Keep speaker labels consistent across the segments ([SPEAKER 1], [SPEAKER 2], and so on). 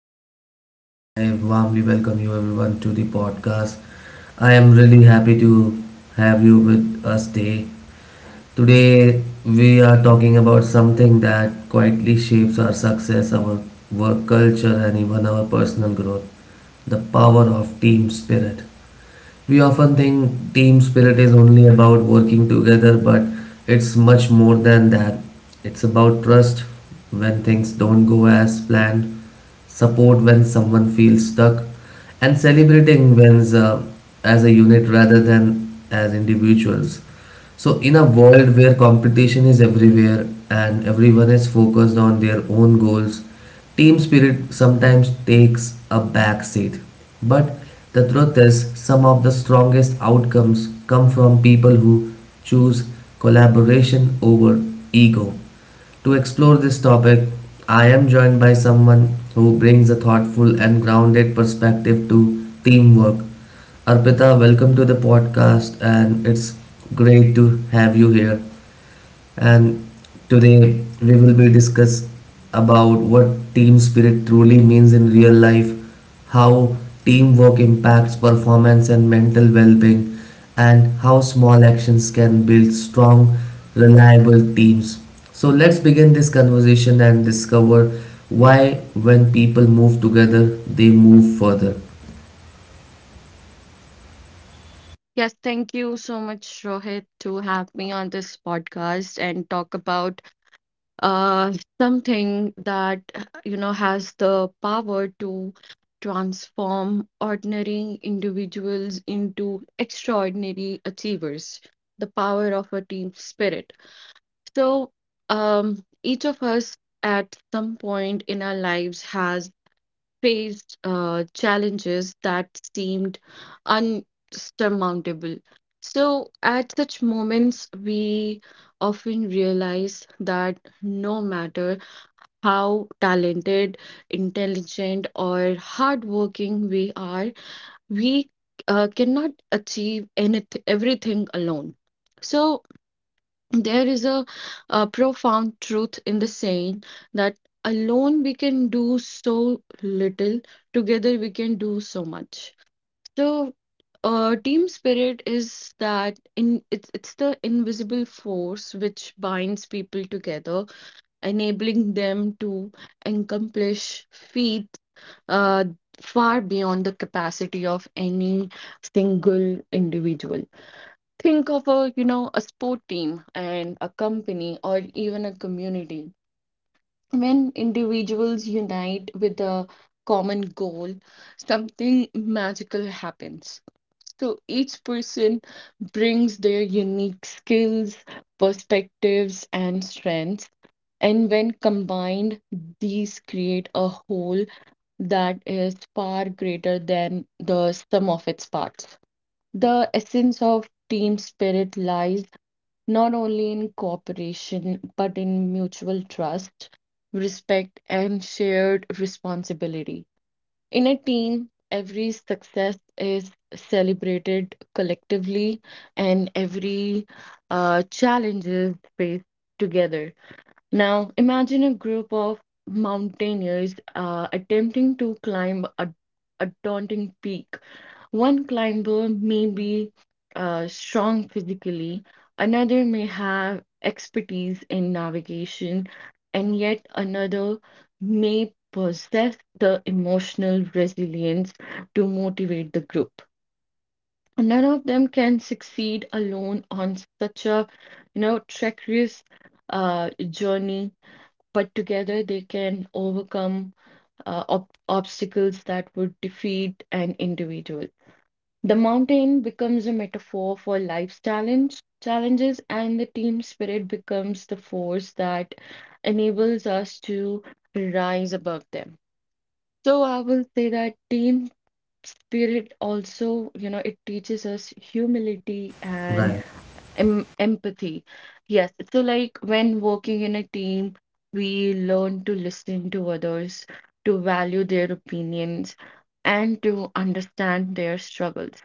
[SPEAKER 1] again, I warmly welcome you everyone to the podcast. I am really happy to have you with us today. Today, we are talking about something that quietly shapes our success, our work culture, and even our personal growth, the power of team spirit. We often think team spirit is only about working together, but it's much more than that. It's about trust when things don't go as planned, support when someone feels stuck, and celebrating wins as a unit rather than as individuals. So, in a world where competition is everywhere and everyone is focused on their own goals, team spirit sometimes takes a back seat, but the truth is, some of the strongest outcomes come from people who choose collaboration over ego. To explore this topic, I am joined by someone who brings a thoughtful and grounded perspective to teamwork. Arpita, welcome to the podcast, and it's great to have you here, and today we will be discuss about what team spirit truly means in real life, how teamwork impacts performance and mental well-being, and how small actions can build strong, reliable teams. So let's begin this conversation and discover why when people move together, they move further.
[SPEAKER 2] Yes, thank you so much, Rohit, to have me on this podcast and talk about uh, something that has the power to transform ordinary individuals into extraordinary achievers, the power of a team spirit. So, each of us at some point in our lives has faced challenges that seemed unsurmountable. So, at such moments, we often realize that no matter how talented, intelligent, or hardworking we are, we cannot achieve everything alone. So, there is a profound truth in the saying that alone we can do so little, together we can do so much. So, team spirit is that in it's the invisible force which binds people together, enabling them to accomplish feats uh, far beyond the capacity of any single individual. Think of a a sport team and a company or even a community. When individuals unite with a common goal, something magical happens. So each person brings their unique skills, perspectives, and strengths, and when combined, these create a whole that is far greater than the sum of its parts. The essence of team spirit lies not only in cooperation, but in mutual trust, respect, and shared responsibility. In a team, every success is celebrated collectively and every challenge is faced together. Now, imagine a group of mountaineers attempting to climb a daunting peak. One climber may be strong physically, another may have expertise in navigation, and yet another may possess the emotional resilience to motivate the group. None of them can succeed alone on such a treacherous journey, but together they can overcome ob obstacles that would defeat an individual. The mountain becomes a metaphor for life's challenges, and the team spirit becomes the force that enables us to rise above them. So I will say that team spirit also, you know, it teaches us humility and
[SPEAKER 1] Right,
[SPEAKER 2] empathy. Yes, so like when working in a team, we learn to listen to others, to value their opinions, and to understand their struggles.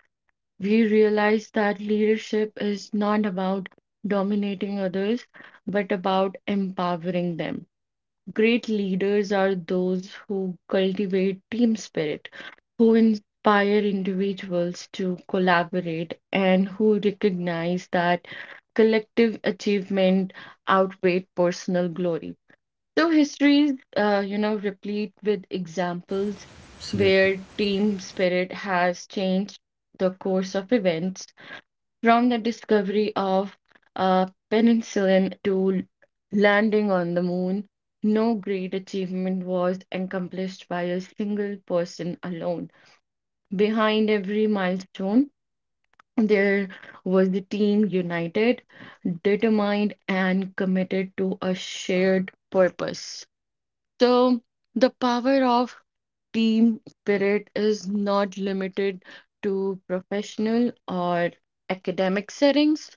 [SPEAKER 2] We realize that leadership is not about dominating others, but about empowering them. Great leaders are those who cultivate team spirit, who inspire individuals to collaborate, and who recognize that collective achievement outweighs personal glory. So history is, you know, replete with examples
[SPEAKER 1] absolutely,
[SPEAKER 2] where team spirit has changed the course of events from the discovery of penicillin to landing on the moon. No great achievement was accomplished by a single person alone. Behind every milestone, there was the team united, determined, and committed to a shared purpose. So the power of team spirit is not limited to professional or academic settings.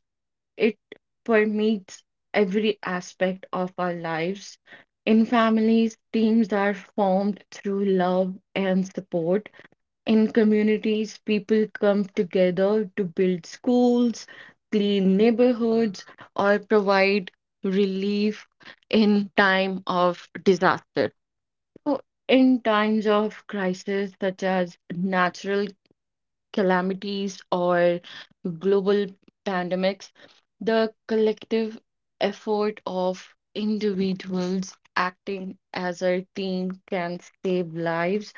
[SPEAKER 2] It permeates every aspect of our lives. In families, teams are formed through love and support. In communities, people come together to build schools, clean neighborhoods, or provide relief in time of disaster. So, in times of crisis such as natural calamities or global pandemics, the collective effort of individuals acting as a team can save lives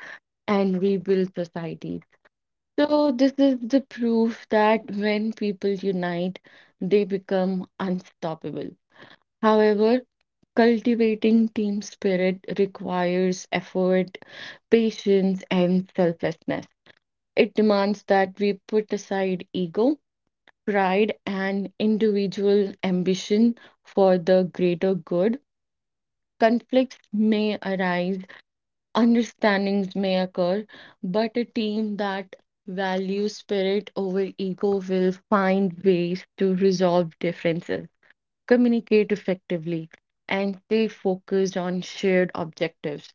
[SPEAKER 2] and rebuild societies. So, this is the proof that when people unite, they become unstoppable. However, cultivating team spirit requires effort, patience, and selflessness. It demands that we put aside ego, pride, and individual ambition for the greater good. Conflicts may arise, understandings may occur, but a team that values spirit over ego will find ways to resolve differences, communicate effectively, and stay focused on shared objectives.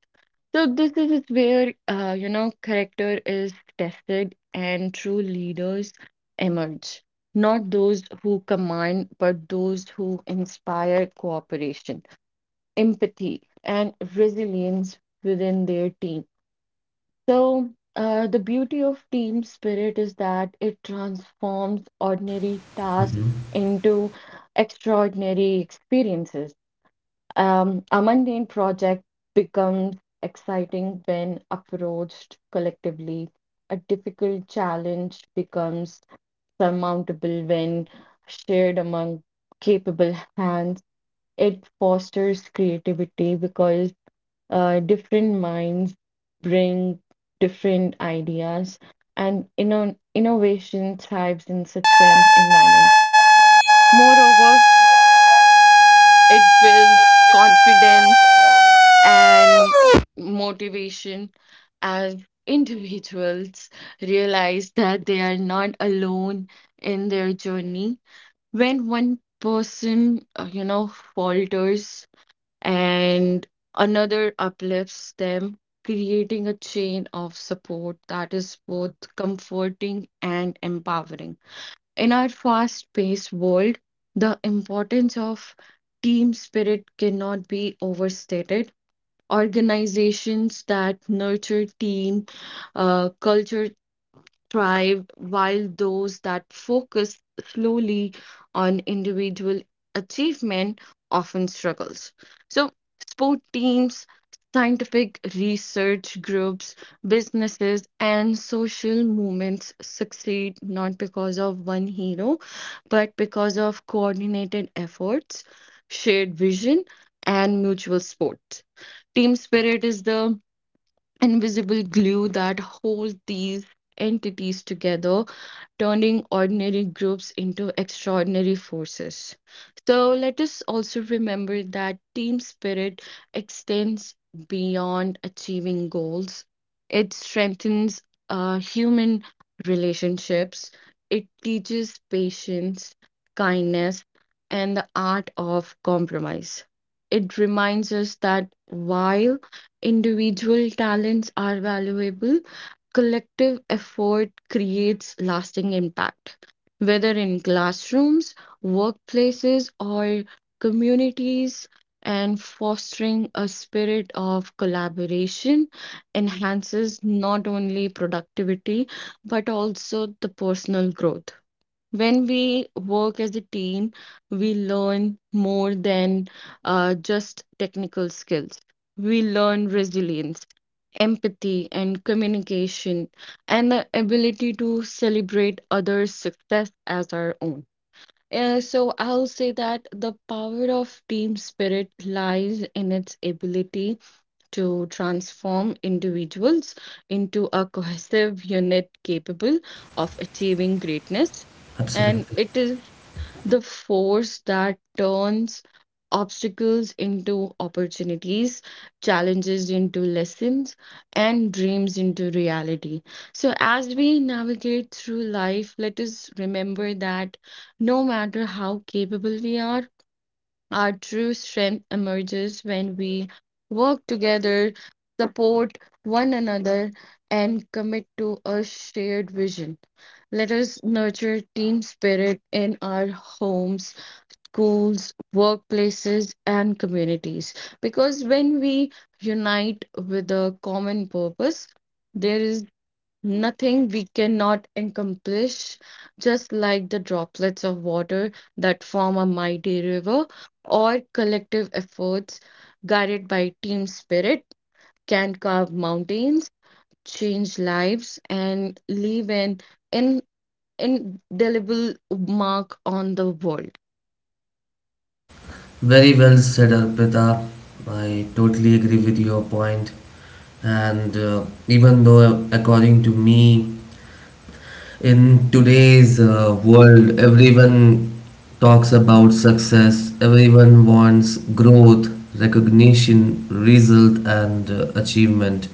[SPEAKER 2] So this is where character is tested and true leaders emerge. Not those who command, but those who inspire cooperation, empathy, and resilience within their team. So, the beauty of team spirit is that it transforms ordinary tasks into extraordinary experiences. A mundane project becomes exciting when approached collectively. A difficult challenge becomes surmountable when shared among capable hands. It fosters creativity because different minds bring different ideas, and innovation thrives in such an environment. Moreover, it builds confidence and motivation as individuals realize that they are not alone in their journey. When one person, falters, and another uplifts them, creating a chain of support that is both comforting and empowering. In our fast paced world, the importance of team spirit cannot be overstated. Organizations that nurture team culture thrived, while those that focus slowly on individual achievement often struggles. So, sport teams, scientific research groups, businesses, and social movements succeed not because of one hero, but because of coordinated efforts, shared vision, and mutual support. Team spirit is the invisible glue that holds these entities together, turning ordinary groups into extraordinary forces. So let us also remember that team spirit extends beyond achieving goals, it strengthens human relationships, it teaches patience, kindness, and the art of compromise. It reminds us that while individual talents are valuable, collective effort creates lasting impact, whether in classrooms, workplaces, or communities, and fostering a spirit of collaboration enhances not only productivity but also the personal growth. When we work as a team, we learn more than just technical skills. We learn resilience, empathy, and communication, and the ability to celebrate others' success as our own. So I'll say that the power of team spirit lies in its ability to transform individuals into a cohesive unit capable of achieving greatness. And
[SPEAKER 1] absolutely.
[SPEAKER 2] it is the force that turns obstacles into opportunities, challenges into lessons, and dreams into reality. So, as we navigate through life, let us remember that no matter how capable we are, our true strength emerges when we work together, support one another, and commit to a shared vision. Let us nurture team spirit in our homes, schools, workplaces, and communities. Because when we unite with a common purpose, there is nothing we cannot accomplish. Just like the droplets of water that form a mighty river, or collective efforts guided by team spirit can carve mountains, change lives, and leave an in indelible mark on the world.
[SPEAKER 1] Very well said, Arpita. I totally agree with your point. And even though, according to me, in today's world, everyone talks about success, everyone wants growth, recognition, result, and achievement.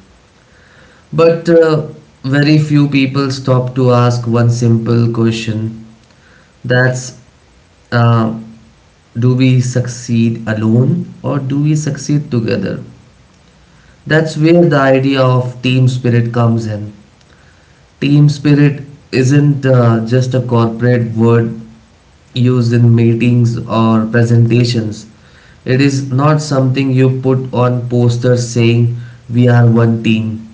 [SPEAKER 1] But very few people stop to ask one simple question, that's uh, do we succeed alone or do we succeed together? That's where the idea of team spirit comes in. Team spirit isn't just a corporate word used in meetings or presentations. It is not something you put on posters saying we are one team.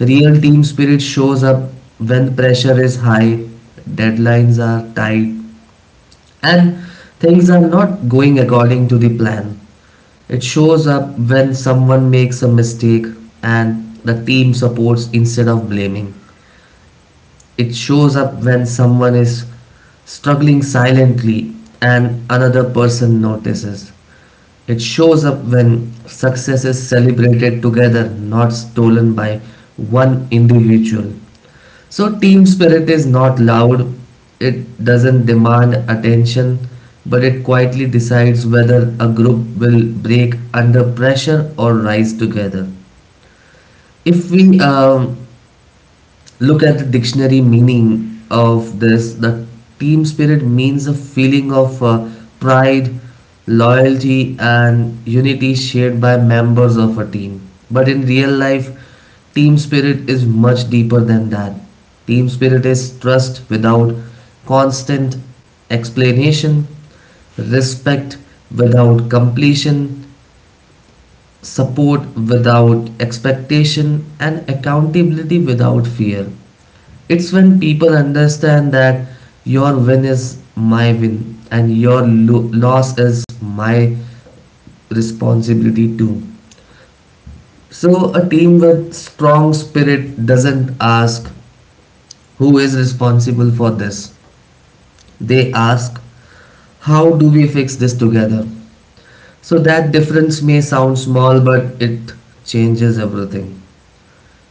[SPEAKER 1] Real team spirit shows up when pressure is high, deadlines are tight, and things are not going according to the plan. It shows up when someone makes a mistake and the team supports instead of blaming. It shows up when someone is struggling silently and another person notices. It shows up when success is celebrated together, not stolen by one individual. So, team spirit is not loud, it doesn't demand attention, but it quietly decides whether a group will break under pressure or rise together. If we look at the dictionary meaning of this, the team spirit means a feeling of pride, loyalty and unity shared by members of a team. But in real life, team spirit is much deeper than that. Team spirit is trust without constant explanation, respect without completion, support without expectation, and accountability without fear. It's when people understand that your win is my win and your loss is my responsibility too. So, a team with strong spirit doesn't ask who is responsible for this, they ask how do we fix this together. So, that difference may sound small, but it changes everything.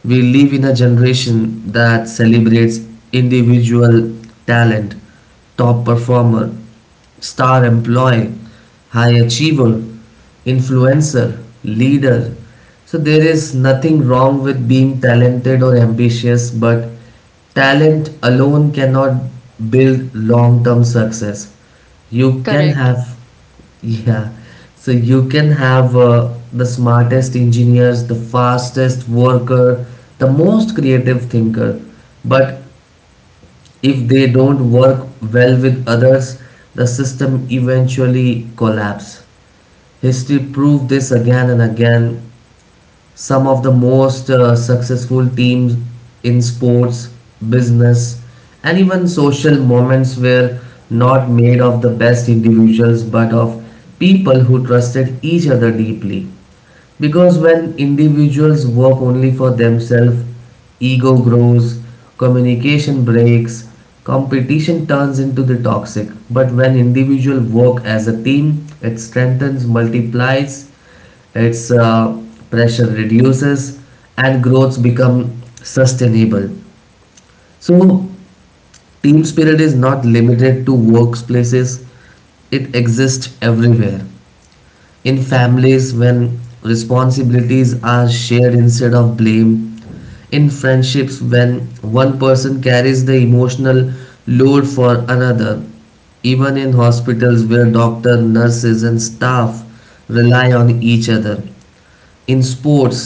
[SPEAKER 1] We live in a generation that celebrates individual talent, top performer, star employee, high achiever, influencer, leader. So there is nothing wrong with being talented or ambitious, but talent alone cannot build long term success. You can
[SPEAKER 2] Correct.
[SPEAKER 1] have yeah, so you can have the smartest engineers, the fastest worker, the most creative thinker, but if they don't work well with others, the system eventually collapse. History proved this again and again. Some of the most successful teams in sports, business, and even social moments were not made of the best individuals but of people who trusted each other deeply. Because when individuals work only for themselves, ego grows, communication breaks, competition turns into the toxic. But when individuals work as a team, it strengthens, multiplies, its pressure reduces, and growth become sustainable. So, team spirit is not limited to workplaces; it exists everywhere, in families when responsibilities are shared instead of blame, in friendships when one person carries the emotional load for another, even in hospitals where doctors, nurses and staff rely on each other, in sports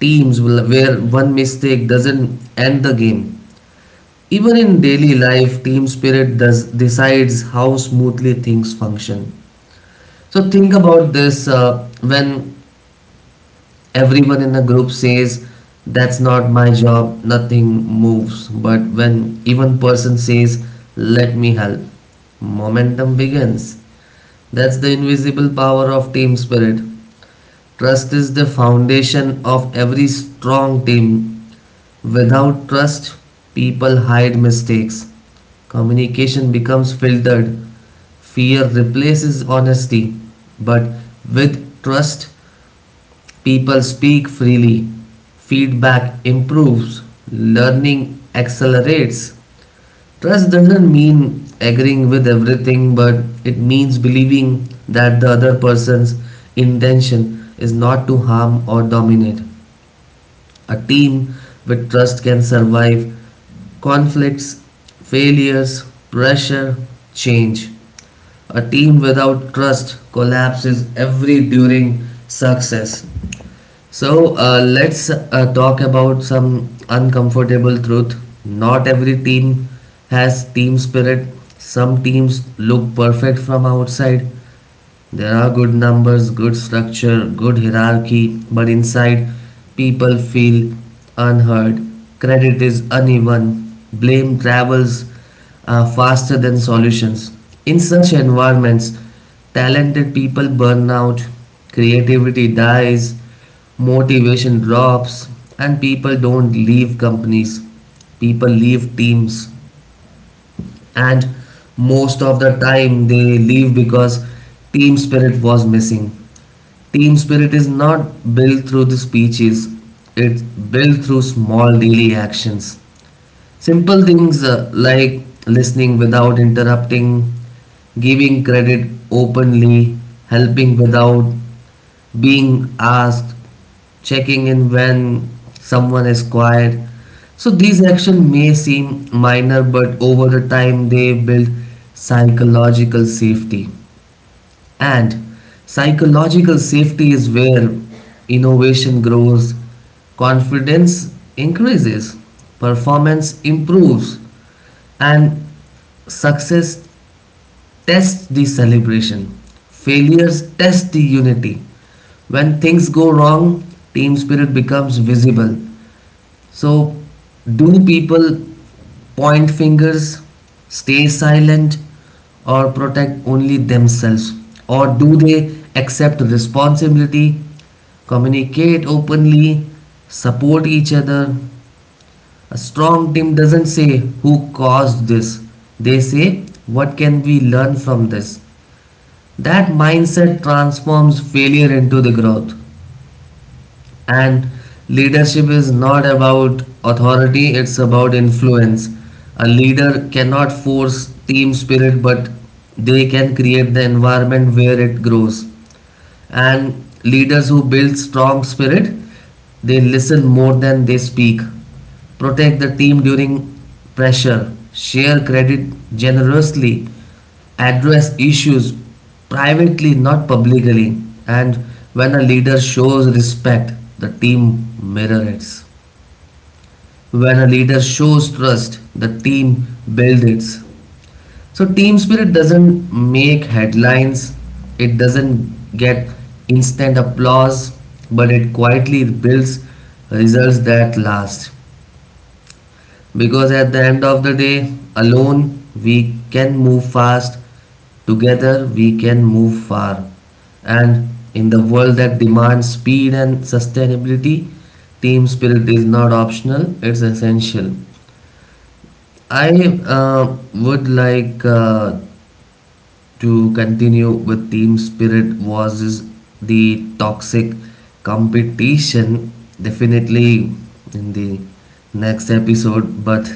[SPEAKER 1] teams where one mistake doesn't end the game, even in daily life, team spirit does decides how smoothly things function. So think about this, when everyone in the group says that's not my job, nothing moves, but when even person says let me help, momentum begins. That's the invisible power of team spirit. Trust is the foundation of every strong team. Without trust, people hide mistakes, communication becomes filtered, fear replaces honesty. But with trust, people speak freely. Feedback improves. Learning accelerates. Trust doesn't mean agreeing with everything, but it means believing that the other person's intention is not to harm or dominate. A team with trust can survive conflicts, failures, pressure, change. A team without trust collapses every during success. So let's talk about some uncomfortable truth. Not every team has team spirit. Some teams look perfect from outside. There are good numbers, good structure, good hierarchy, but inside people feel unheard. Credit is uneven. Blame travels are faster than solutions. In such environments, talented people burn out, creativity dies, motivation drops, and people don't leave companies. People leave teams, and most of the time they leave because team spirit was missing. Team spirit is not built through the speeches, it's built through small daily actions. Simple things like listening without interrupting, giving credit openly, helping without being asked, checking in when someone is quiet. So these actions may seem minor, but over the time they build psychological safety. And psychological safety is where innovation grows, confidence increases, performance improves, and success tests the celebration. Failures test the unity. When things go wrong, team spirit becomes visible. So, do people point fingers, stay silent, or protect only themselves? Or do they accept responsibility, communicate openly, support each other? A strong team doesn't say who caused this, they say what can we learn from this. That mindset transforms failure into the growth. And leadership is not about authority, it's about influence. A leader cannot force team spirit, but they can create the environment where it grows, and leaders who build strong spirit, they listen more than they speak, protect the team during pressure, share credit generously, address issues privately, not publicly. And when a leader shows respect, the team mirrors it. When a leader shows trust, the team builds it. So team spirit doesn't make headlines, it doesn't get instant applause, but it quietly builds results that last. Because at the end of the day, alone we can move fast, together we can move far. And in the world that demands speed and sustainability, team spirit is not optional, it's essential. I would like to continue with team spirit versus the toxic competition definitely in the next episode, but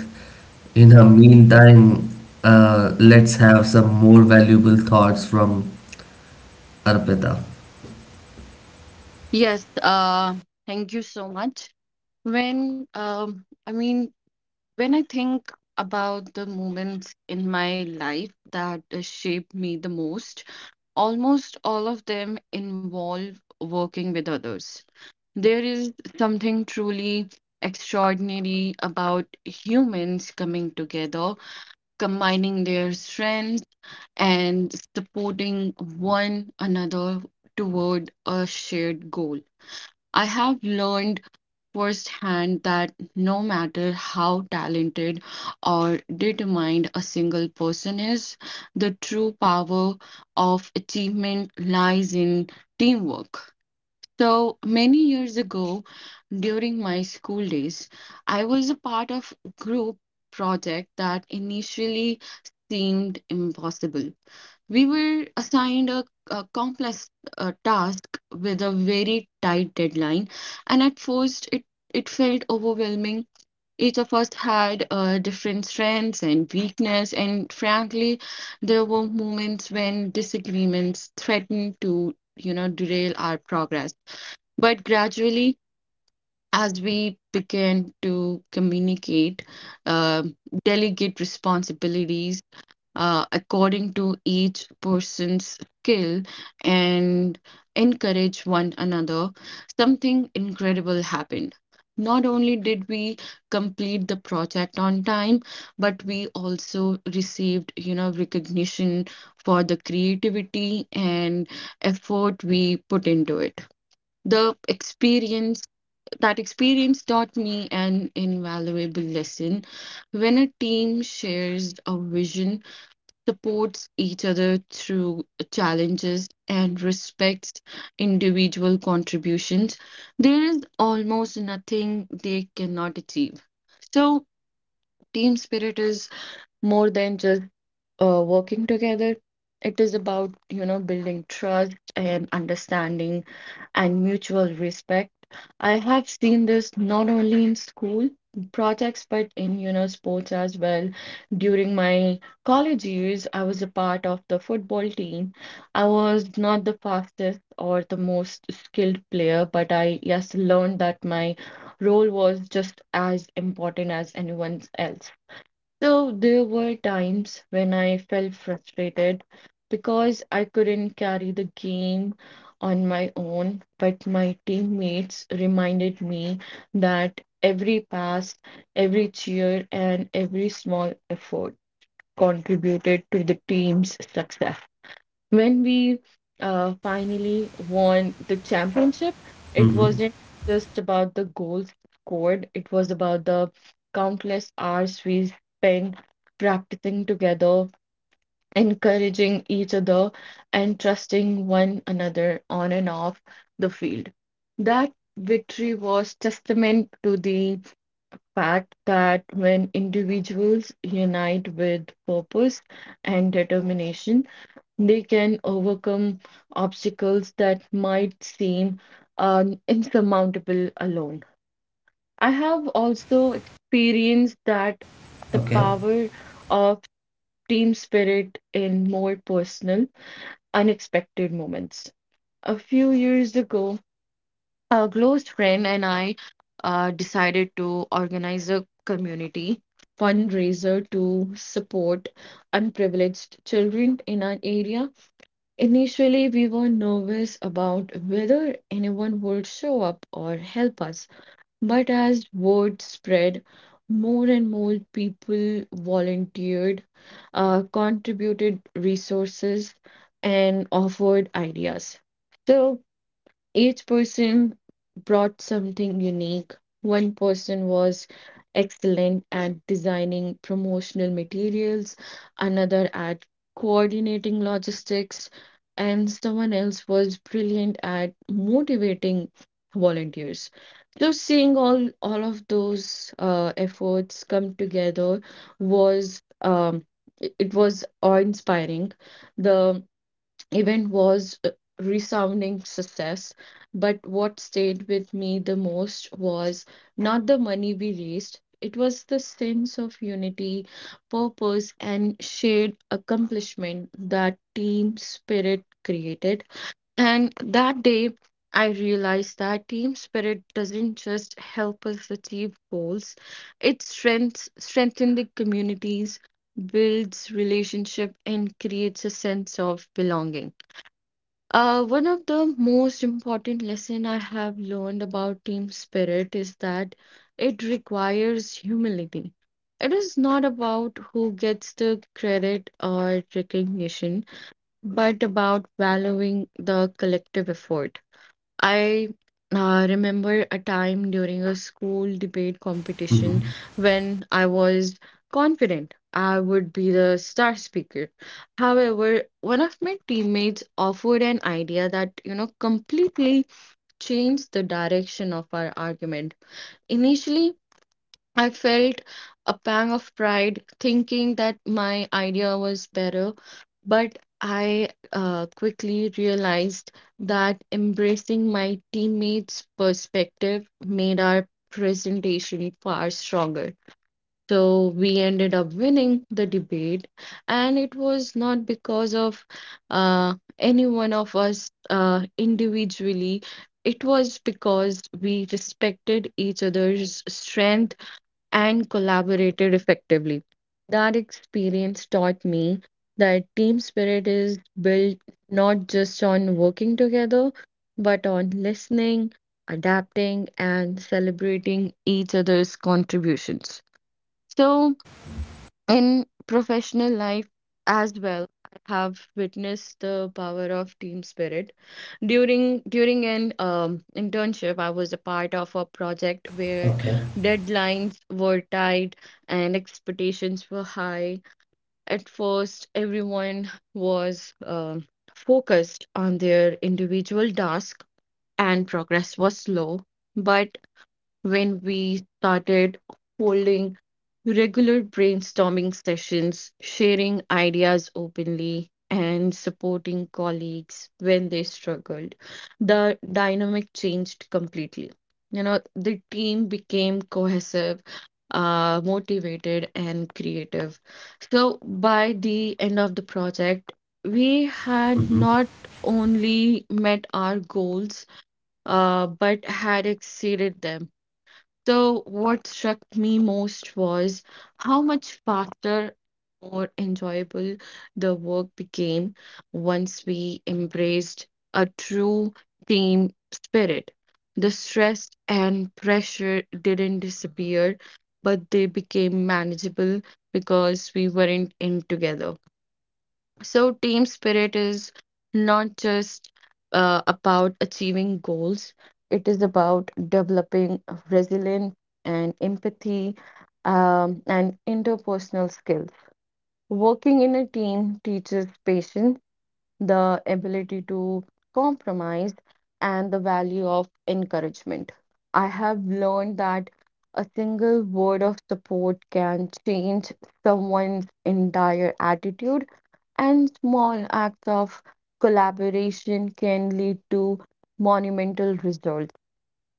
[SPEAKER 1] in the meantime, let's have some more valuable thoughts from arpita.
[SPEAKER 2] Yes, thank you so much. When um, I mean When I think about the moments in my life that shaped me the most, almost all of them involve working with others. There is something truly extraordinary about humans coming together, combining their strengths, and supporting one another toward a shared goal. I have learned firsthand that no matter how talented or determined a single person is, the true power of achievement lies in teamwork. So many years ago, during my school days, I was a part of a group project that initially seemed impossible. We were assigned a complex task with a very tight deadline, and at first it felt overwhelming. Each of us had different strengths and weakness, and frankly, there were moments when disagreements threatened to, you know, derail our progress. But gradually, as we began to communicate, uh, delegate responsibilities according to each person's skill and encourage one another, something incredible happened. Not only did we complete the project on time, but we also received, you know, recognition for the creativity and effort we put into it. The experience that experience taught me an invaluable lesson. When a team shares a vision, supports each other through challenges, and respects individual contributions, there is almost nothing they cannot achieve. So, team spirit is more than just working together. It is about, you know, building trust and understanding and mutual respect. I have seen this not only in school projects, but in, you know, sports as well. During my college years, I was a part of the football team. I was not the fastest or the most skilled player, but I just learned that my role was just as important as anyone else's. So there were times when I felt frustrated because I couldn't carry the game on my own, but my teammates reminded me that every pass, every cheer, and every small effort contributed to the team's success. When we finally won the championship, it
[SPEAKER 1] Mm-hmm.
[SPEAKER 2] wasn't just about the goals scored, it was about the countless hours we spent practicing together, encouraging each other, and trusting one another on and off the field. That victory was testament to the fact that when individuals unite with purpose and determination, they can overcome obstacles that might seem insurmountable alone. I have also experienced that the
[SPEAKER 1] Okay.
[SPEAKER 2] power of team spirit in more personal, unexpected moments. A few years ago, a close friend and I decided to organize a community fundraiser to support unprivileged children in our area. Initially, we were nervous about whether anyone would show up or help us, but as word spread, more and more people volunteered, contributed resources, and offered ideas. So each person brought something unique. One person was excellent at designing promotional materials, another at coordinating logistics, and someone else was brilliant at motivating volunteers. So seeing all of those efforts come together was it it was awe-inspiring. The event was a resounding success, but what stayed with me the most was not the money we raised, it was the sense of unity, purpose, and shared accomplishment that team spirit created. And that day, I realized that team spirit doesn't just help us achieve goals, it strengths strengthens the communities, builds relationship, and creates a sense of belonging. One of the most important lesson I have learned about team spirit is that it requires humility. It is not about who gets the credit or recognition, but about valuing the collective effort. I remember a time during a school debate competition when I was confident I would be the star speaker. However, one of my teammates offered an idea that, completely changed the direction of our argument. Initially, I felt a pang of pride thinking that my idea was better, but I quickly realized that embracing my teammates' perspective made our presentation far stronger. So we ended up winning the debate, and it was not because of any one of us individually. It was because we respected each other's strength and collaborated effectively. That experience taught me that team spirit is built not just on working together, but on listening, adapting, and celebrating each other's contributions. So, in professional life as well, I have witnessed the power of team spirit. During an internship, I was a part of a project where
[SPEAKER 1] Okay.
[SPEAKER 2] deadlines were tight and expectations were high. At first, everyone was focused on their individual task and progress was slow. But when we started holding regular brainstorming sessions, sharing ideas openly, and supporting colleagues when they struggled. The dynamic changed completely. You know, the team became cohesive, motivated, and creative. So by the end of the project, we had not only met our goals, but had exceeded them. So, what struck me most was how much faster, more enjoyable the work became once we embraced a true team spirit. The stress and pressure didn't disappear, but they became manageable because we weren't in together. So, team spirit is not just about achieving goals, it is about developing resilience and empathy and interpersonal skills. Working in a team teaches patience, the ability to compromise, and the value of encouragement. I have learned that a single word of support can change someone's entire attitude, and small acts of collaboration can lead to monumental results.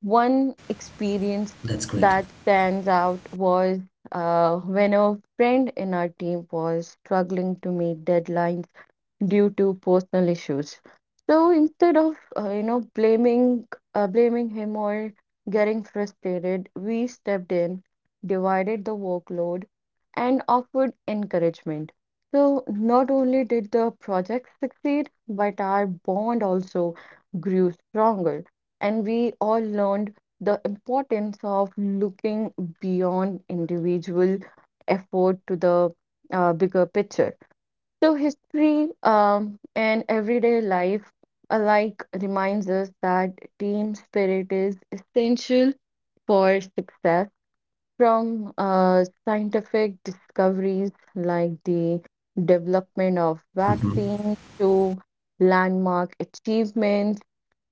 [SPEAKER 2] One experience
[SPEAKER 1] That's great.
[SPEAKER 2] that stands out was when a friend in our team was struggling to meet deadlines due to personal issues. So instead of blaming blaming him or getting frustrated, we stepped in, divided the workload, and offered encouragement. So not only did the project succeed, but our bond also grew stronger, and we all learned the importance of looking beyond individual effort to the bigger picture. So history and everyday life alike reminds us that team spirit is essential for success. From scientific discoveries like the development of
[SPEAKER 1] Mm-hmm.
[SPEAKER 2] vaccines to landmark achievements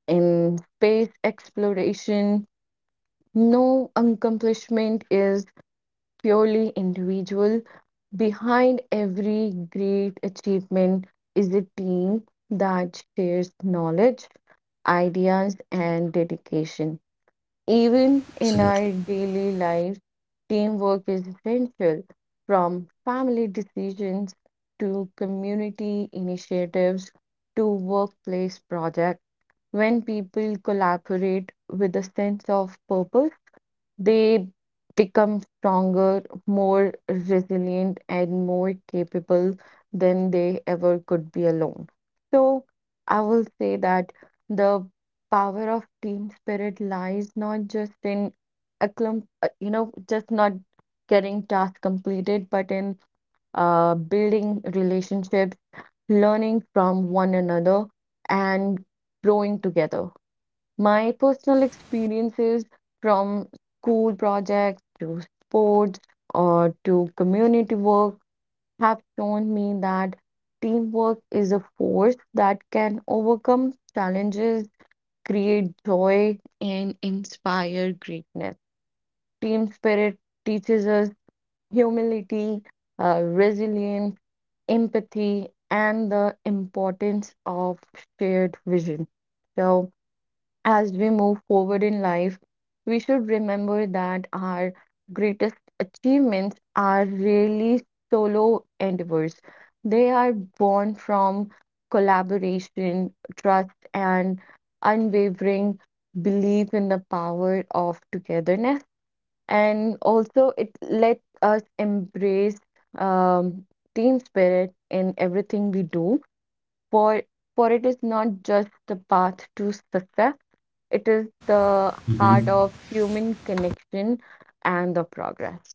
[SPEAKER 2] in space exploration, no accomplishment is purely individual. Behind every great achievement is a team that shares knowledge, ideas, and dedication. Even in our
[SPEAKER 1] Absolutely.
[SPEAKER 2] daily lives, teamwork is essential from family decisions to community initiatives to workplace projects. When people collaborate with a sense of purpose, they become stronger, more resilient, and more capable than they ever could be alone. So, I will say that the power of team spirit lies not just in a clump, just not getting tasks completed, but in building relationships, learning from one another, and growing together. My personal experiences from school projects to sports or to community work have shown me that teamwork is a force that can overcome challenges, create joy, and inspire greatness. Team spirit teaches us humility, resilience, empathy, and the importance of shared vision. So, as we move forward in life, we should remember that our greatest achievements are really solo endeavors. They are born from collaboration, trust, and unwavering belief in the power of togetherness. And also, it lets us embrace um, team spirit in everything we do for for it is not just the path to success, it is the heart of human connection and the progress.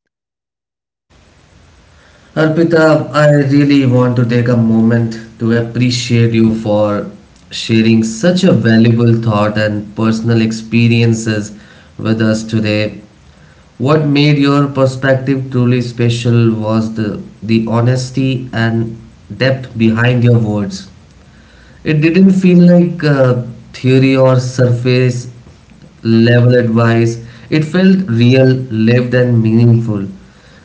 [SPEAKER 1] Arpita, I really want to take a moment to appreciate you for sharing such a valuable thought and personal experiences with us today. What made your perspective truly special was the honesty and depth behind your words. It didn't feel like theory or surface level advice. It felt real, lived, and meaningful.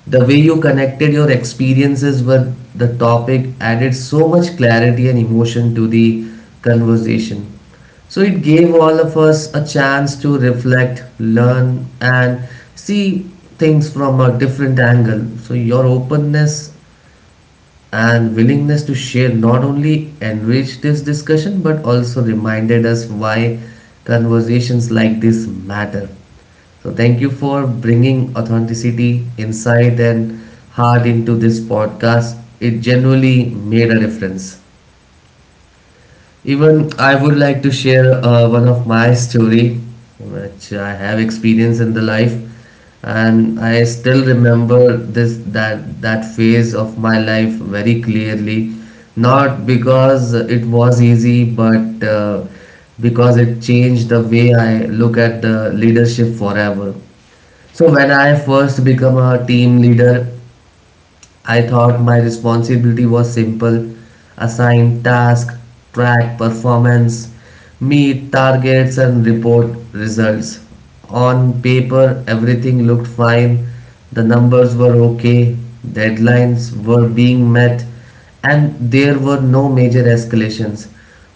[SPEAKER 1] The way you connected your experiences with the topic added so much clarity and emotion to the conversation. So it gave all of us a chance to reflect, learn, and see things from a different angle. So your openness and willingness to share not only enriched this discussion but also reminded us why conversations like this matter. So, thank you for bringing authenticity, insight, and heart into this podcast. It genuinely made a difference. Even I would like to share one of my story, which I have experienced in the life, and I still remember this that that phase of my life very clearly. Not because it was easy, but because it changed the way I look at the leadership forever. So when I first become a team leader, I thought my responsibility was simple: assign tasks, track performance, meet targets, and report results. On paper, everything looked fine, the numbers were okay, deadlines were being met, and there were no major escalations.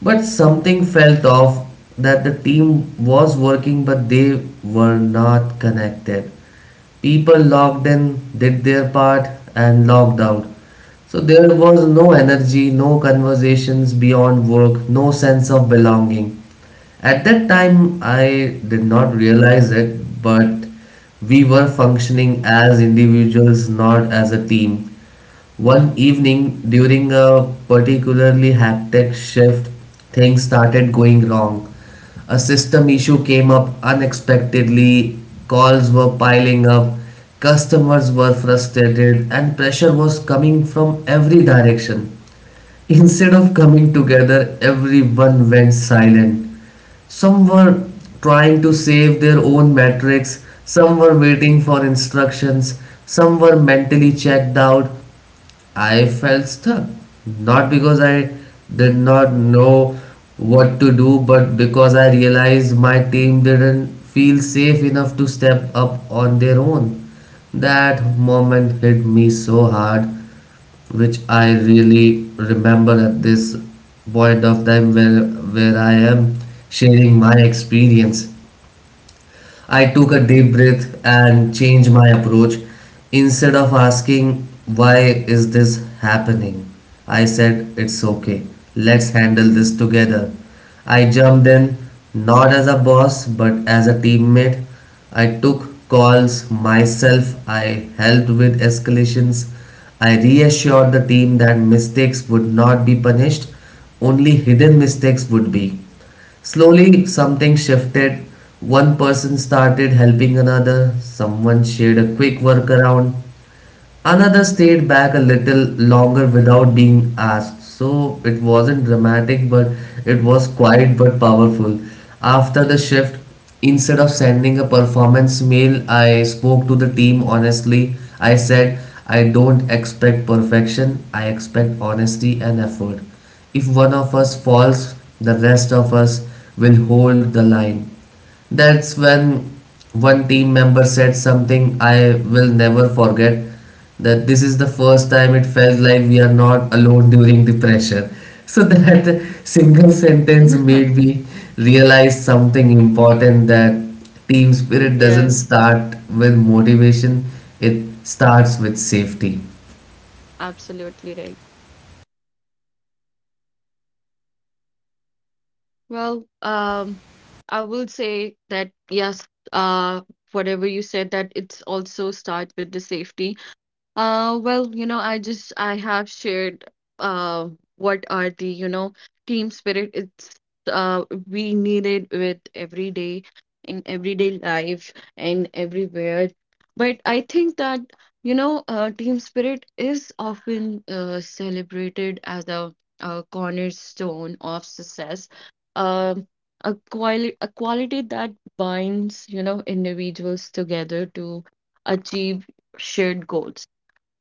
[SPEAKER 1] But something felt off, that the team was working, but they were not connected. People logged in, did their part, and logged out. So there was no energy, no conversations beyond work, no sense of belonging. At that time, I did not realize it, but we were functioning as individuals, not as a team. One evening during a particularly hectic shift, things started going wrong. A system issue came up unexpectedly, calls were piling up, customers were frustrated, and pressure was coming from every direction. Instead of coming together, everyone went silent. Some were trying to save their own metrics, some were waiting for instructions, some were mentally checked out. I felt stuck, not because I did not know what to do, but because I realized my team didn't feel safe enough to step up on their own. That moment hit me so hard, which I really remember at this point of time where I am sharing my experience. I took a deep breath and changed my approach. Instead of asking, "Why is this happening?" I said, "It's okay. Let's handle this together." I jumped in, not as a boss, but as a teammate. I took calls myself, I helped with escalations. I reassured the team that mistakes would not be punished, only hidden mistakes would be. Slowly, something shifted. One person started helping another, someone shared a quick workaround, another stayed back a little longer without being asked, so it wasn't dramatic, but it was quiet but powerful. After the shift, instead of sending a performance mail, I spoke to the team honestly. I said, "I don't expect perfection, I expect honesty and effort. If one of us falls, the rest of us will hold the line." That's when one team member said something I will never forget, that this is the first time it felt like we are not alone during the pressure. So that single sentence made me realize something important, that team spirit doesn't
[SPEAKER 2] Yes,
[SPEAKER 1] start with motivation, it starts with safety.
[SPEAKER 2] absolutely right. Well, I will say that yes, whatever you said, that it's also start with the safety. Well, you know, I have shared uh what are the, you know, team spirit it's we need it with every day in everyday life and everywhere. But I think that, you know, team spirit is often celebrated as a cornerstone of success. Um a quality that binds, you know, individuals together to achieve shared goals.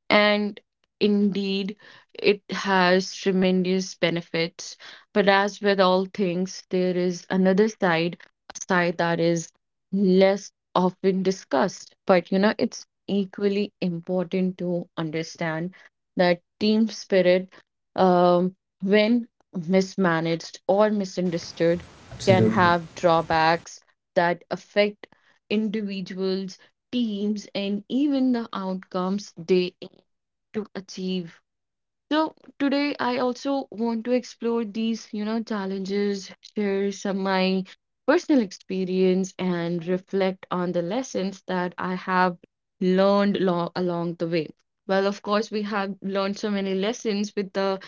[SPEAKER 2] And indeed, it has tremendous benefits. But as with all things, there is another side, a side that is less often discussed. But you know, it's equally important to understand that team spirit, um, when mismanaged or misunderstood, can
[SPEAKER 1] Absolutely.
[SPEAKER 2] have drawbacks that affect individuals, teams, and even the outcomes they to achieve. So today I also want to explore these, you know, challenges, share some my personal experience and reflect on the lessons that I have learned along the way. Well, of course, we have learned so many lessons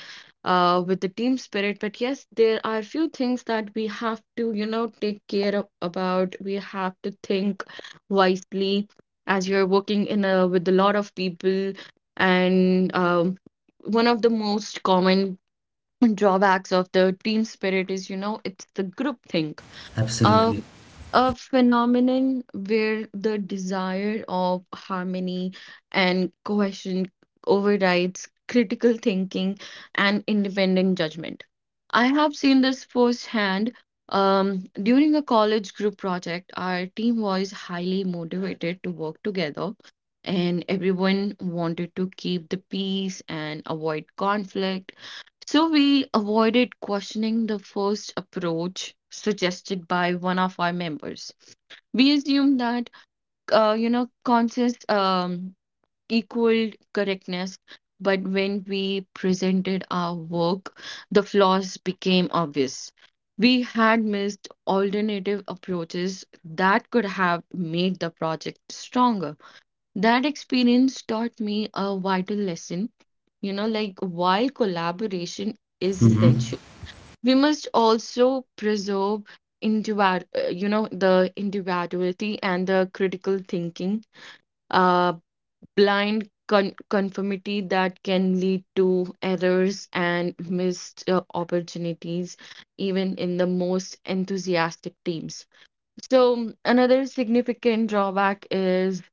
[SPEAKER 2] with the team spirit. But yes, there are a few things that we have to, you know, take care of, about. We have to think wisely as you're working in a with a lot of people. And one of the most common drawbacks of the team spirit is, you know, it's the group think
[SPEAKER 1] Absolutely.
[SPEAKER 2] um, a phenomenon where the desire of harmony and cohesion overrides critical thinking and independent judgment. I have seen this firsthand. During a college group project, our team was highly motivated to work together, and everyone wanted to keep the peace and avoid conflict so we avoided questioning the first approach suggested by one of our members. We assumed that, you know, conscious equaled correctness, but when we presented our work, the flaws became obvious. We had missed alternative approaches that could have made the project stronger. That experience taught me a vital lesson, you know, like why collaboration is
[SPEAKER 1] Mm-hmm.
[SPEAKER 2] essential we must also preserve you know, the individuality and the critical thinking. Uh, Blind conformity that can lead to errors and missed opportunities, even in the most enthusiastic teams. So another significant drawback is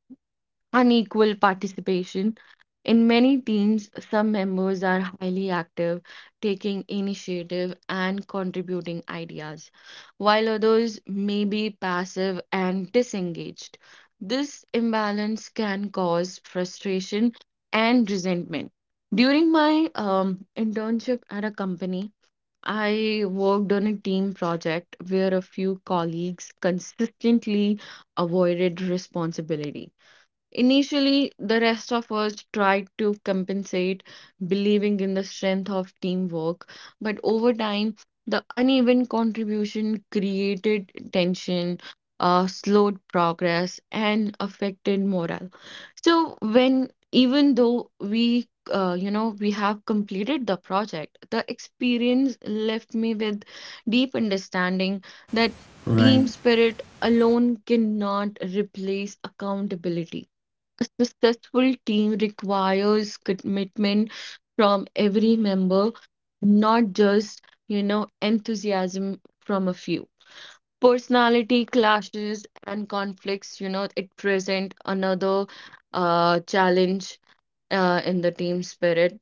[SPEAKER 2] unequal participation. In many teams, some members are highly active, taking initiative and contributing ideas, while others may be passive and disengaged. This imbalance can cause frustration and resentment. During my internship at a company, I worked on a team project where a few colleagues consistently avoided responsibility. Initially, the rest of us tried to compensate, believing in the strength of teamwork, but over time, the uneven contribution created tension, slowed progress, and affected morale. So when even though we we have completed the project, the experience left me with deep understanding that
[SPEAKER 1] Right.
[SPEAKER 2] team spirit alone cannot replace accountability. A successful team requires commitment from every member, not just, you know, enthusiasm from a few. Personality clashes and conflicts, you know, it present another challenge in the team spirit.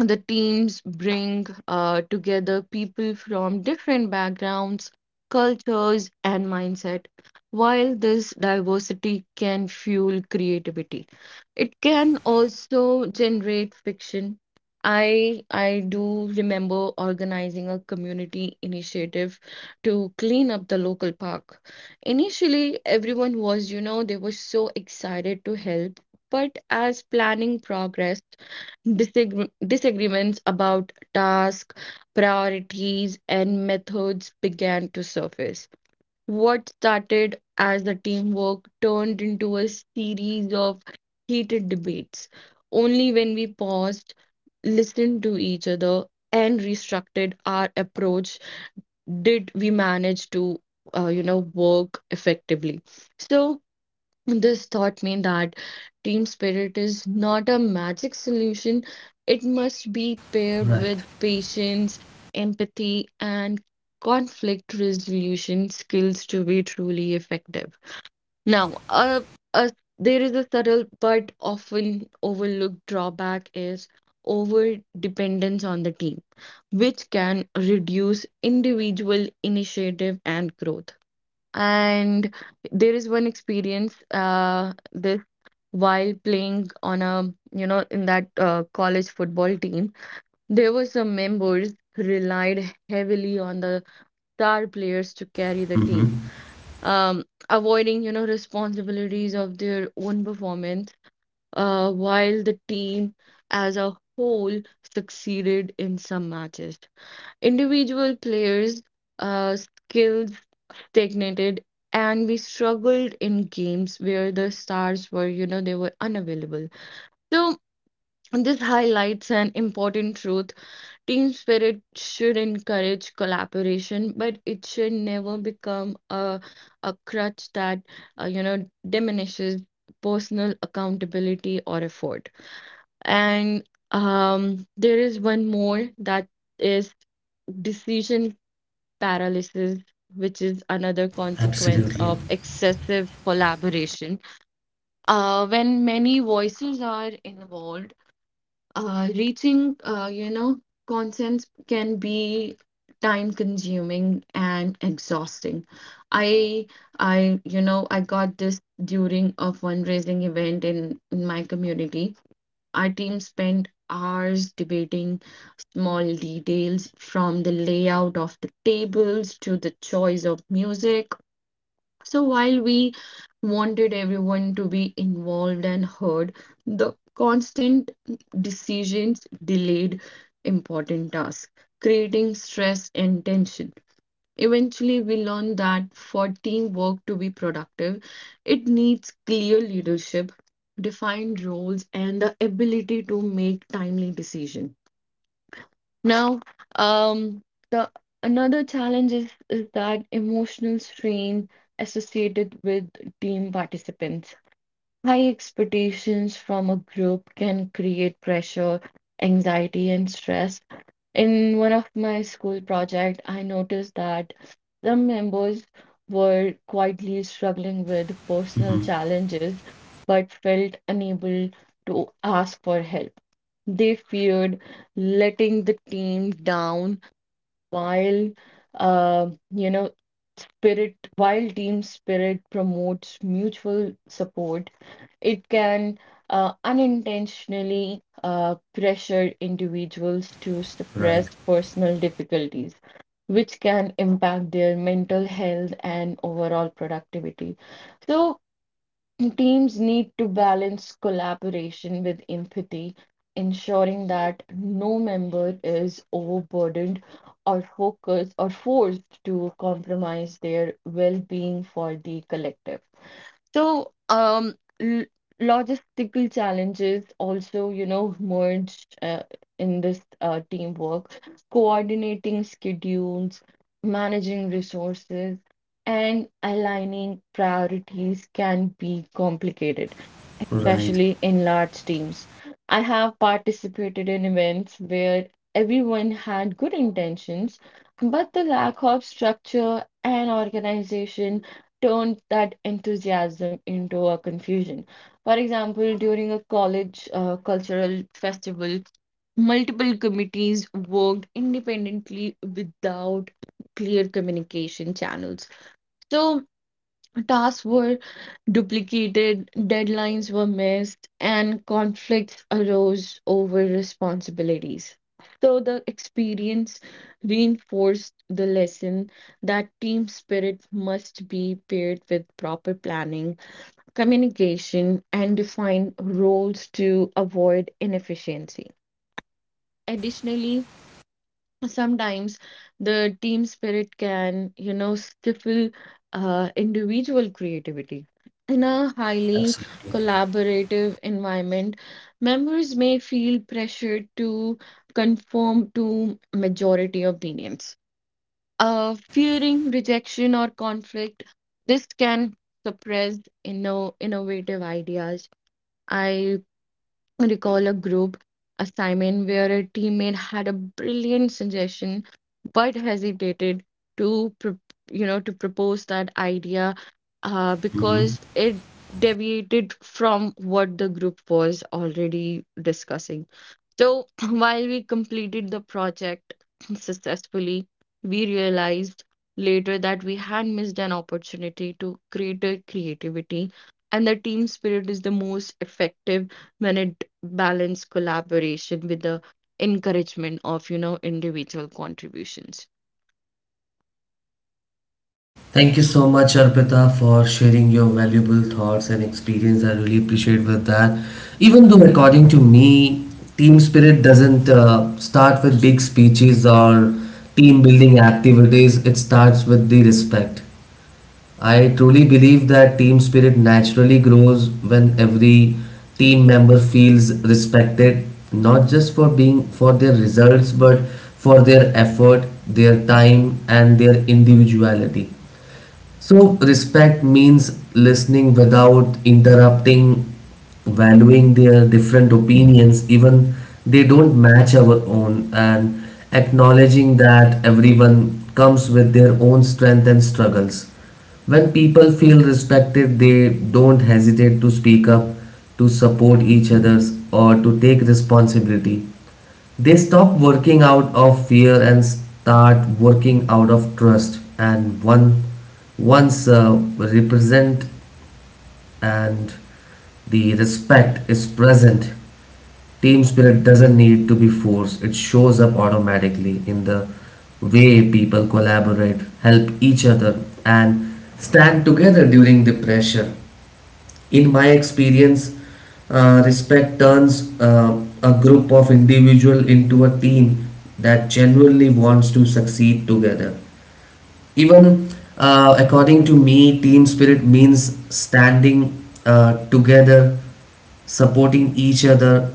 [SPEAKER 2] The teams bring together people from different backgrounds, cultures, and mindset. While this diversity can fuel creativity, it can also generate fiction. I do remember organizing a community initiative to clean up the local park. Initially, everyone was, you know, they were so excited to help, but as planning progressed, disagreements about tasks, priorities, and methods began to surface. What started as a teamwork turned into a series of heated debates. Only when we paused, listened to each other, and restructured our approach did we manage to, you know, work effectively. So, this taught me that team spirit is not a magic solution. It must be paired
[SPEAKER 1] Right.
[SPEAKER 2] with patience, empathy, and conflict resolution skills to be truly effective. Now, uh, there is a subtle but often overlooked drawback is over dependence on the team, which can reduce individual initiative and growth. And there is one experience this while playing on you know, in that college football team, there were some members relied heavily on the star players to carry the team,
[SPEAKER 1] Mm-hmm.
[SPEAKER 2] avoiding, you know, responsibilities of their own performance, while the team as a whole succeeded in some matches. Individual players' skills stagnated and we struggled in games where the stars were, you know, they were unavailable. So this highlights an important truth. Team spirit should encourage collaboration, but it should never become a crutch that diminishes personal accountability or effort. And there is one more that is decision paralysis, which is another consequence
[SPEAKER 1] Absolutely.
[SPEAKER 2] of excessive collaboration. When many voices are involved, reaching, you know, consensus can be time consuming and exhausting. I, I got this during a fundraising event in my community. Our team spent hours debating small details, from the layout of the tables to the choice of music. So while we wanted everyone to be involved and heard, the constant decisions delayed important tasks, creating stress and tension. Eventually, we learned that for teamwork to be productive, it needs clear leadership, defined roles, and the ability to make timely decisions. Now, um, the another challenge is that emotional strain associated with team participants. High expectations from a group can create pressure, anxiety, and stress. In one of my school project, I noticed that some members were quietly struggling with personal
[SPEAKER 1] Mm-hmm.
[SPEAKER 2] challenges but felt unable to ask for help. They feared letting the team down while you know spirit while team spirit promotes mutual support. It can unintentionally pressure individuals to
[SPEAKER 1] Right.
[SPEAKER 2] suppress personal difficulties, which can impact their mental health and overall productivity. So, teams need to balance collaboration with empathy, ensuring that no member is overburdened or focused or forced to compromise their well-being for the collective. So, l logistical challenges also, you know, merge uh, in this teamwork. Coordinating schedules, managing resources, and aligning priorities can be complicated,
[SPEAKER 1] Right.
[SPEAKER 2] especially in large teams. I have participated in events where everyone had good intentions, but the lack of structure and organization turned that enthusiasm into a confusion. For example, during a college cultural festival, multiple committees worked independently without clear communication channels. So tasks were duplicated, deadlines were missed, and conflicts arose over responsibilities. So the experience reinforced the lesson that team spirit must be paired with proper planning, communication, and defined roles to avoid inefficiency. Additionally, sometimes the team spirit can, you know, stifle individual creativity. In a highly
[SPEAKER 1] Absolutely.
[SPEAKER 2] collaborative environment, members may feel pressured to conform to majority opinions. Fearing rejection or conflict, this can suppress innovative ideas. I recall a group assignment where a teammate had a brilliant suggestion but hesitated to pro- to propose that idea because it deviated from what the group was already discussing. So while we completed the project successfully, we realized later that we had missed an opportunity to create a creativity. And the team spirit is the most effective when it balances collaboration with the encouragement of, you know, individual contributions.
[SPEAKER 1] Thank you so much, Arpita, for sharing your valuable thoughts and experience. I really appreciate with that. Even though, according to me, team spirit doesn't start with big speeches or team building activities. It starts with the respect. I truly believe that team spirit naturally grows when every team member feels respected, not just for being for their results, but for their effort, their time, and their individuality. So, respect means listening without interrupting, valuing their different opinions, even they don't match our own, and acknowledging that everyone comes with their own strength and struggles. When people feel respected, they don't hesitate to speak up, to support each others, or to take responsibility. They stop working out of fear and start working out of trust. And one, once represent and the respect is present, team spirit doesn't need to be forced. It shows up automatically in the way people collaborate, help each other, and stand together during the pressure. In my experience, respect turns a group of individual into a team that genuinely wants to succeed together. Even, according to me, team spirit means standing together, supporting each other,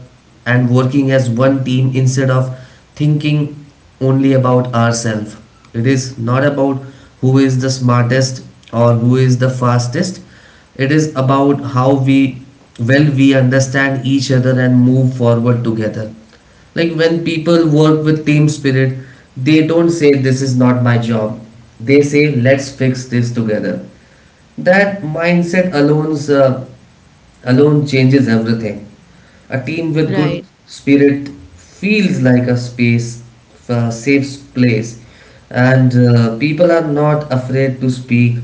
[SPEAKER 1] and working as one team instead of thinking only about ourselves. It is not about who is the smartest or who is the fastest. It is about how we well we understand each other and move forward together. Like, when people work with team spirit, they don't say this is not my job. They say let's fix this together. That mindset alone changes everything. A team with good
[SPEAKER 2] Right.
[SPEAKER 1] spirit feels like a space, a safe place, and people are not afraid to speak,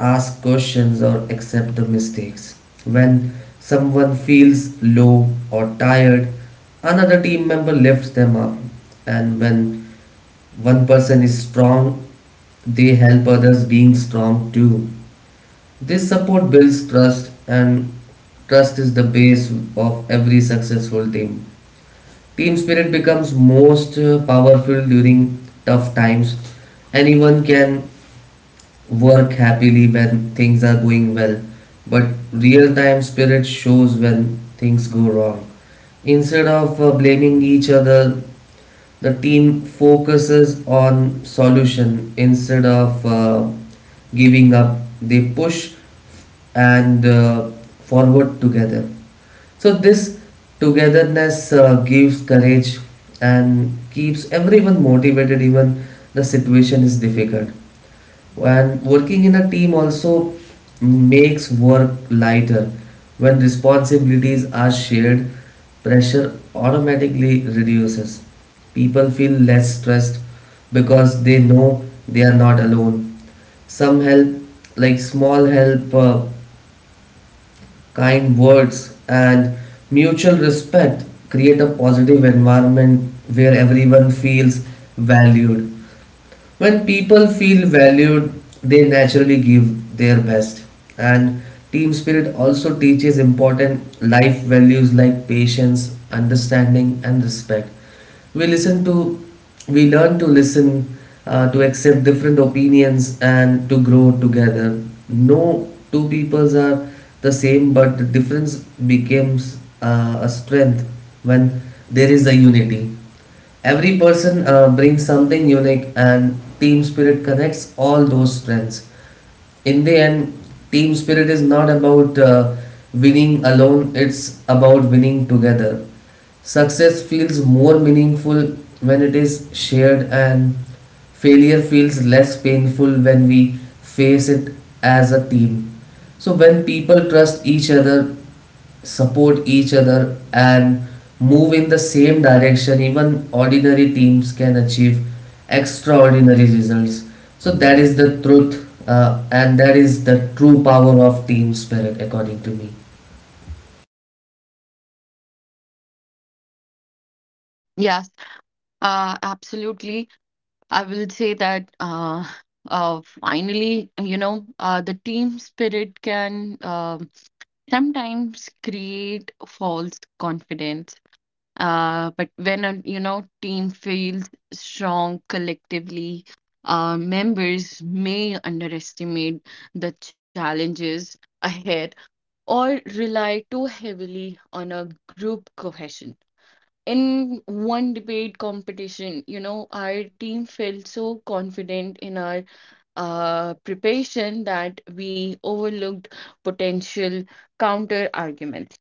[SPEAKER 1] ask questions, or accept the mistakes. When someone feels low or tired, another team member lifts them up, and when one person is strong, they help others being strong too. This support builds trust, and trust is the base of every successful team. Team spirit becomes most powerful during tough times. Anyone can work happily when things are going well, but real time spirit shows when things go wrong. Instead of blaming each other, the team focuses on solution instead of giving up. They push and forward together. So this togetherness gives courage and keeps everyone motivated even the situation is difficult. And working in a team also makes work lighter. When responsibilities are shared, pressure automatically reduces. People feel less stressed because they know they are not alone. Some help, like small help, kind words, and mutual respect create a positive environment where everyone feels valued. When people feel valued, they naturally give their best. And team spirit also teaches important life values like patience, understanding, and respect. We listen to, we learn to listen, to accept different opinions, and to grow together. No two peoples are the same, but the difference becomes a strength when there is a unity. Every person brings something unique, and team spirit connects all those strengths. In the end, team spirit is not about winning alone, it's about winning together. Success feels more meaningful when it is shared, and failure feels less painful when we face it as a team. So when people trust each other, support each other, and move in the same direction, even ordinary teams can achieve extraordinary results. So that is the truth and that is the true power of team spirit, according to me.
[SPEAKER 2] Yes, absolutely. I will say that finally, you know, the team spirit can sometimes create false confidence. But when a, you know, team feels strong collectively, members may underestimate the challenges ahead or rely too heavily on a group cohesion. In one debate competition, you know, our team felt so confident in our preparation that we overlooked potential counter arguments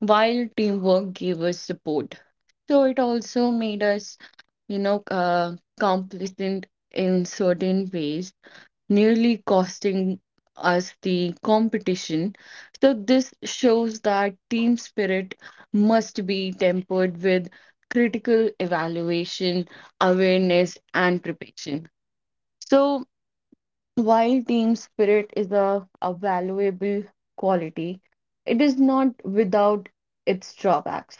[SPEAKER 2] while teamwork gave us support. So it also made us, you know, complacent in certain ways, nearly costing us the competition. So this shows that team spirit must be tempered with critical evaluation, awareness, and preparation. So while team spirit is a valuable quality, it is not without its drawbacks.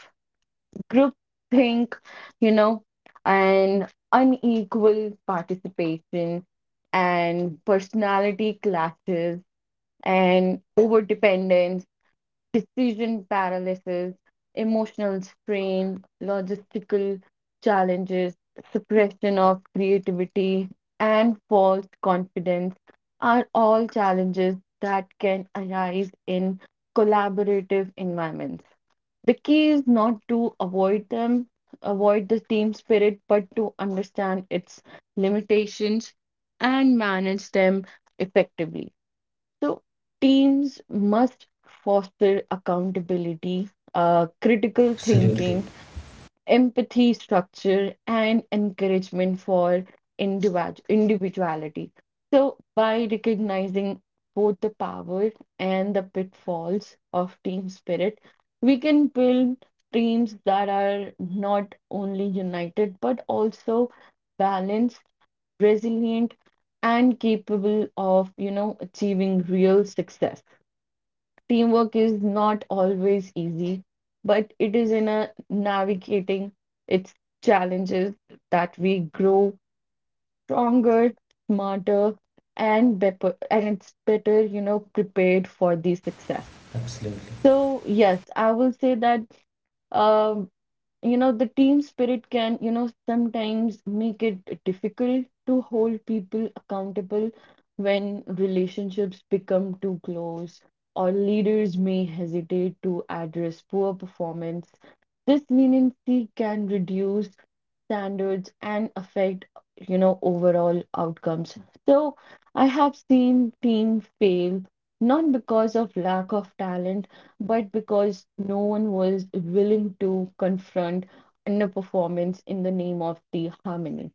[SPEAKER 2] Groupthink, you know, and unequal participation, and personality clashes, and overdependence, decision paralysis, emotional strain, logistical challenges, suppression of creativity, and false confidence are all challenges that can arise in collaborative environments. The key is not to avoid them, avoid the team spirit, but to understand its limitations and manage them effectively. So, teams must foster accountability, critical
[SPEAKER 1] Absolutely.
[SPEAKER 2] thinking, empathy, structure, and encouragement for individuality. So, by recognizing both the power and the pitfalls of team spirit, we can build teams that are not only united but also balanced, resilient, and capable of, you know, achieving real success. Teamwork is not always easy, but it is in a navigating its challenges that we grow stronger, smarter, and better, and it's better, you know, prepared for the success.
[SPEAKER 1] Absolutely.
[SPEAKER 2] So yes, I will say that. Um, you know, the team spirit can, you know, sometimes make it difficult to hold people accountable when relationships become too close, or leaders may hesitate to address poor performance. This leniency can reduce standards and affect, you know, overall outcomes. So I have seen team fail, not because of lack of talent, but because no one was willing to confront underperformance in the name of the harmony.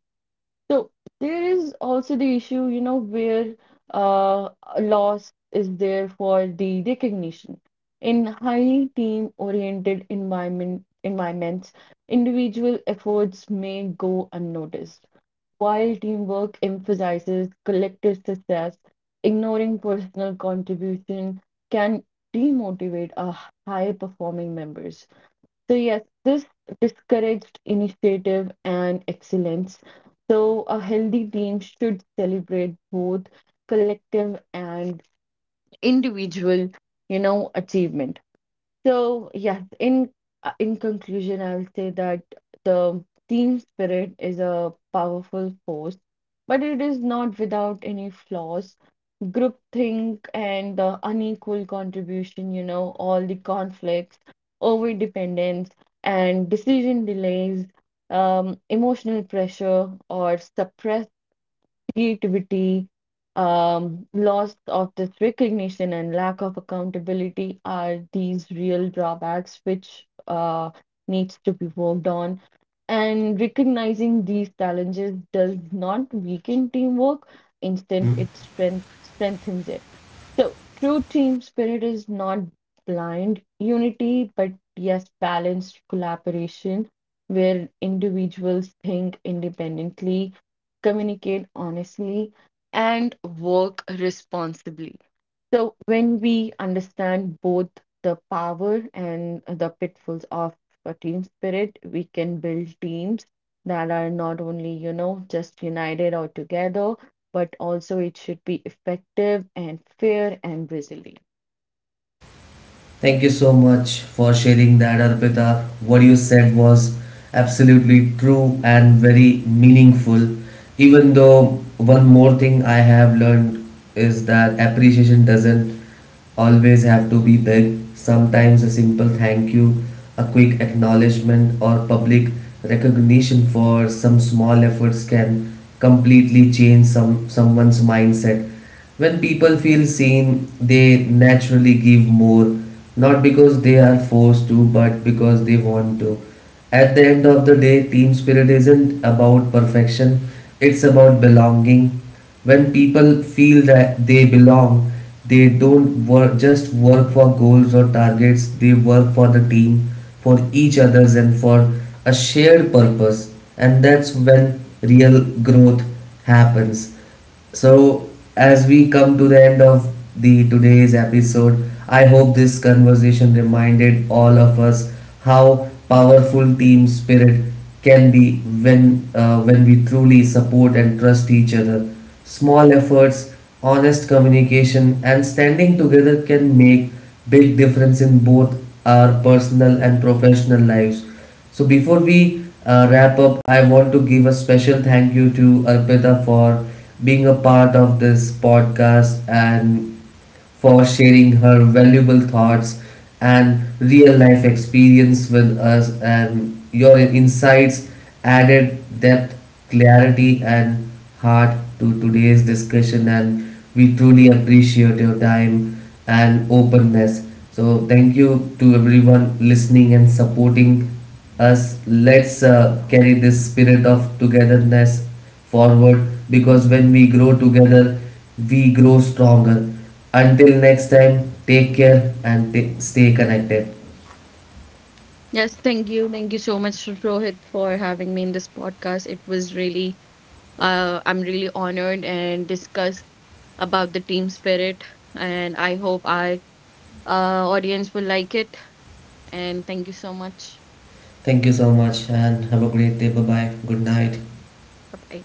[SPEAKER 2] So there is also the issue, you know, where uh, a loss is there for the recognition. In highly team-oriented environments, individual efforts may go unnoticed, while teamwork emphasizes collective success. Ignoring personal contribution can demotivate our high-performing members. So, yes, this discouraged initiative and excellence. So, a healthy team should celebrate both collective and individual, you know, achievement. So, yes, in conclusion, I'll say that the team spirit is a powerful force, but it is not without any flaws. Groupthink, and the unequal contribution, you know, all the conflicts, overdependence, and decision delays, emotional pressure or suppressed creativity, loss of this recognition, and lack of accountability are these real drawbacks which needs to be worked on. And recognizing these challenges does not weaken teamwork; instead, it strengthens it. So true team spirit is not blind unity, but yes, balanced collaboration, where individuals think independently, communicate honestly, and work responsibly. So, when we understand both the power and the pitfalls of a team spirit, we can build teams that are not only, you know, just united or together, but also it should be effective and fair and resilient.
[SPEAKER 1] Thank you so much for sharing that, Arpita. What you said was absolutely true and very meaningful. Even though, one more thing I have learned is that appreciation doesn't always have to be big. Sometimes a simple thank you, a quick acknowledgement, or public recognition for some small efforts can completely change someone's mindset. When people feel seen, they naturally give more, not because they are forced to, but because they want to. At the end of the day, team spirit isn't about perfection, it's about belonging. When people feel that they belong, they don't work, just work for goals or targets, they work for the team, for each other's, and for a shared purpose. And that's when real growth happens. So, as we come to the end of the today's episode, I hope this conversation reminded all of us how powerful team spirit can be when we truly support and trust each other. Small efforts, honest communication, and standing together can make big difference in both our personal and professional lives. So before we wrap up, I want to give a special thank you to Arpita for being a part of this podcast and for sharing her valuable thoughts and real life experience with us. And your insights added depth, clarity, and heart to today's discussion, and we truly appreciate your time and openness. So, thank you to everyone listening and supporting us. Let's carry this spirit of togetherness forward, because when we grow together, we grow stronger. Until next time, take care and stay connected.
[SPEAKER 2] Yes, thank you. Thank you so much, Rohit, for having me in this podcast. It was really, I'm really honored and discuss about the team spirit. And I hope our audience will like it. And thank you so much.
[SPEAKER 1] Thank you so much and have a great day. Bye bye. Good night.
[SPEAKER 2] Bye bye.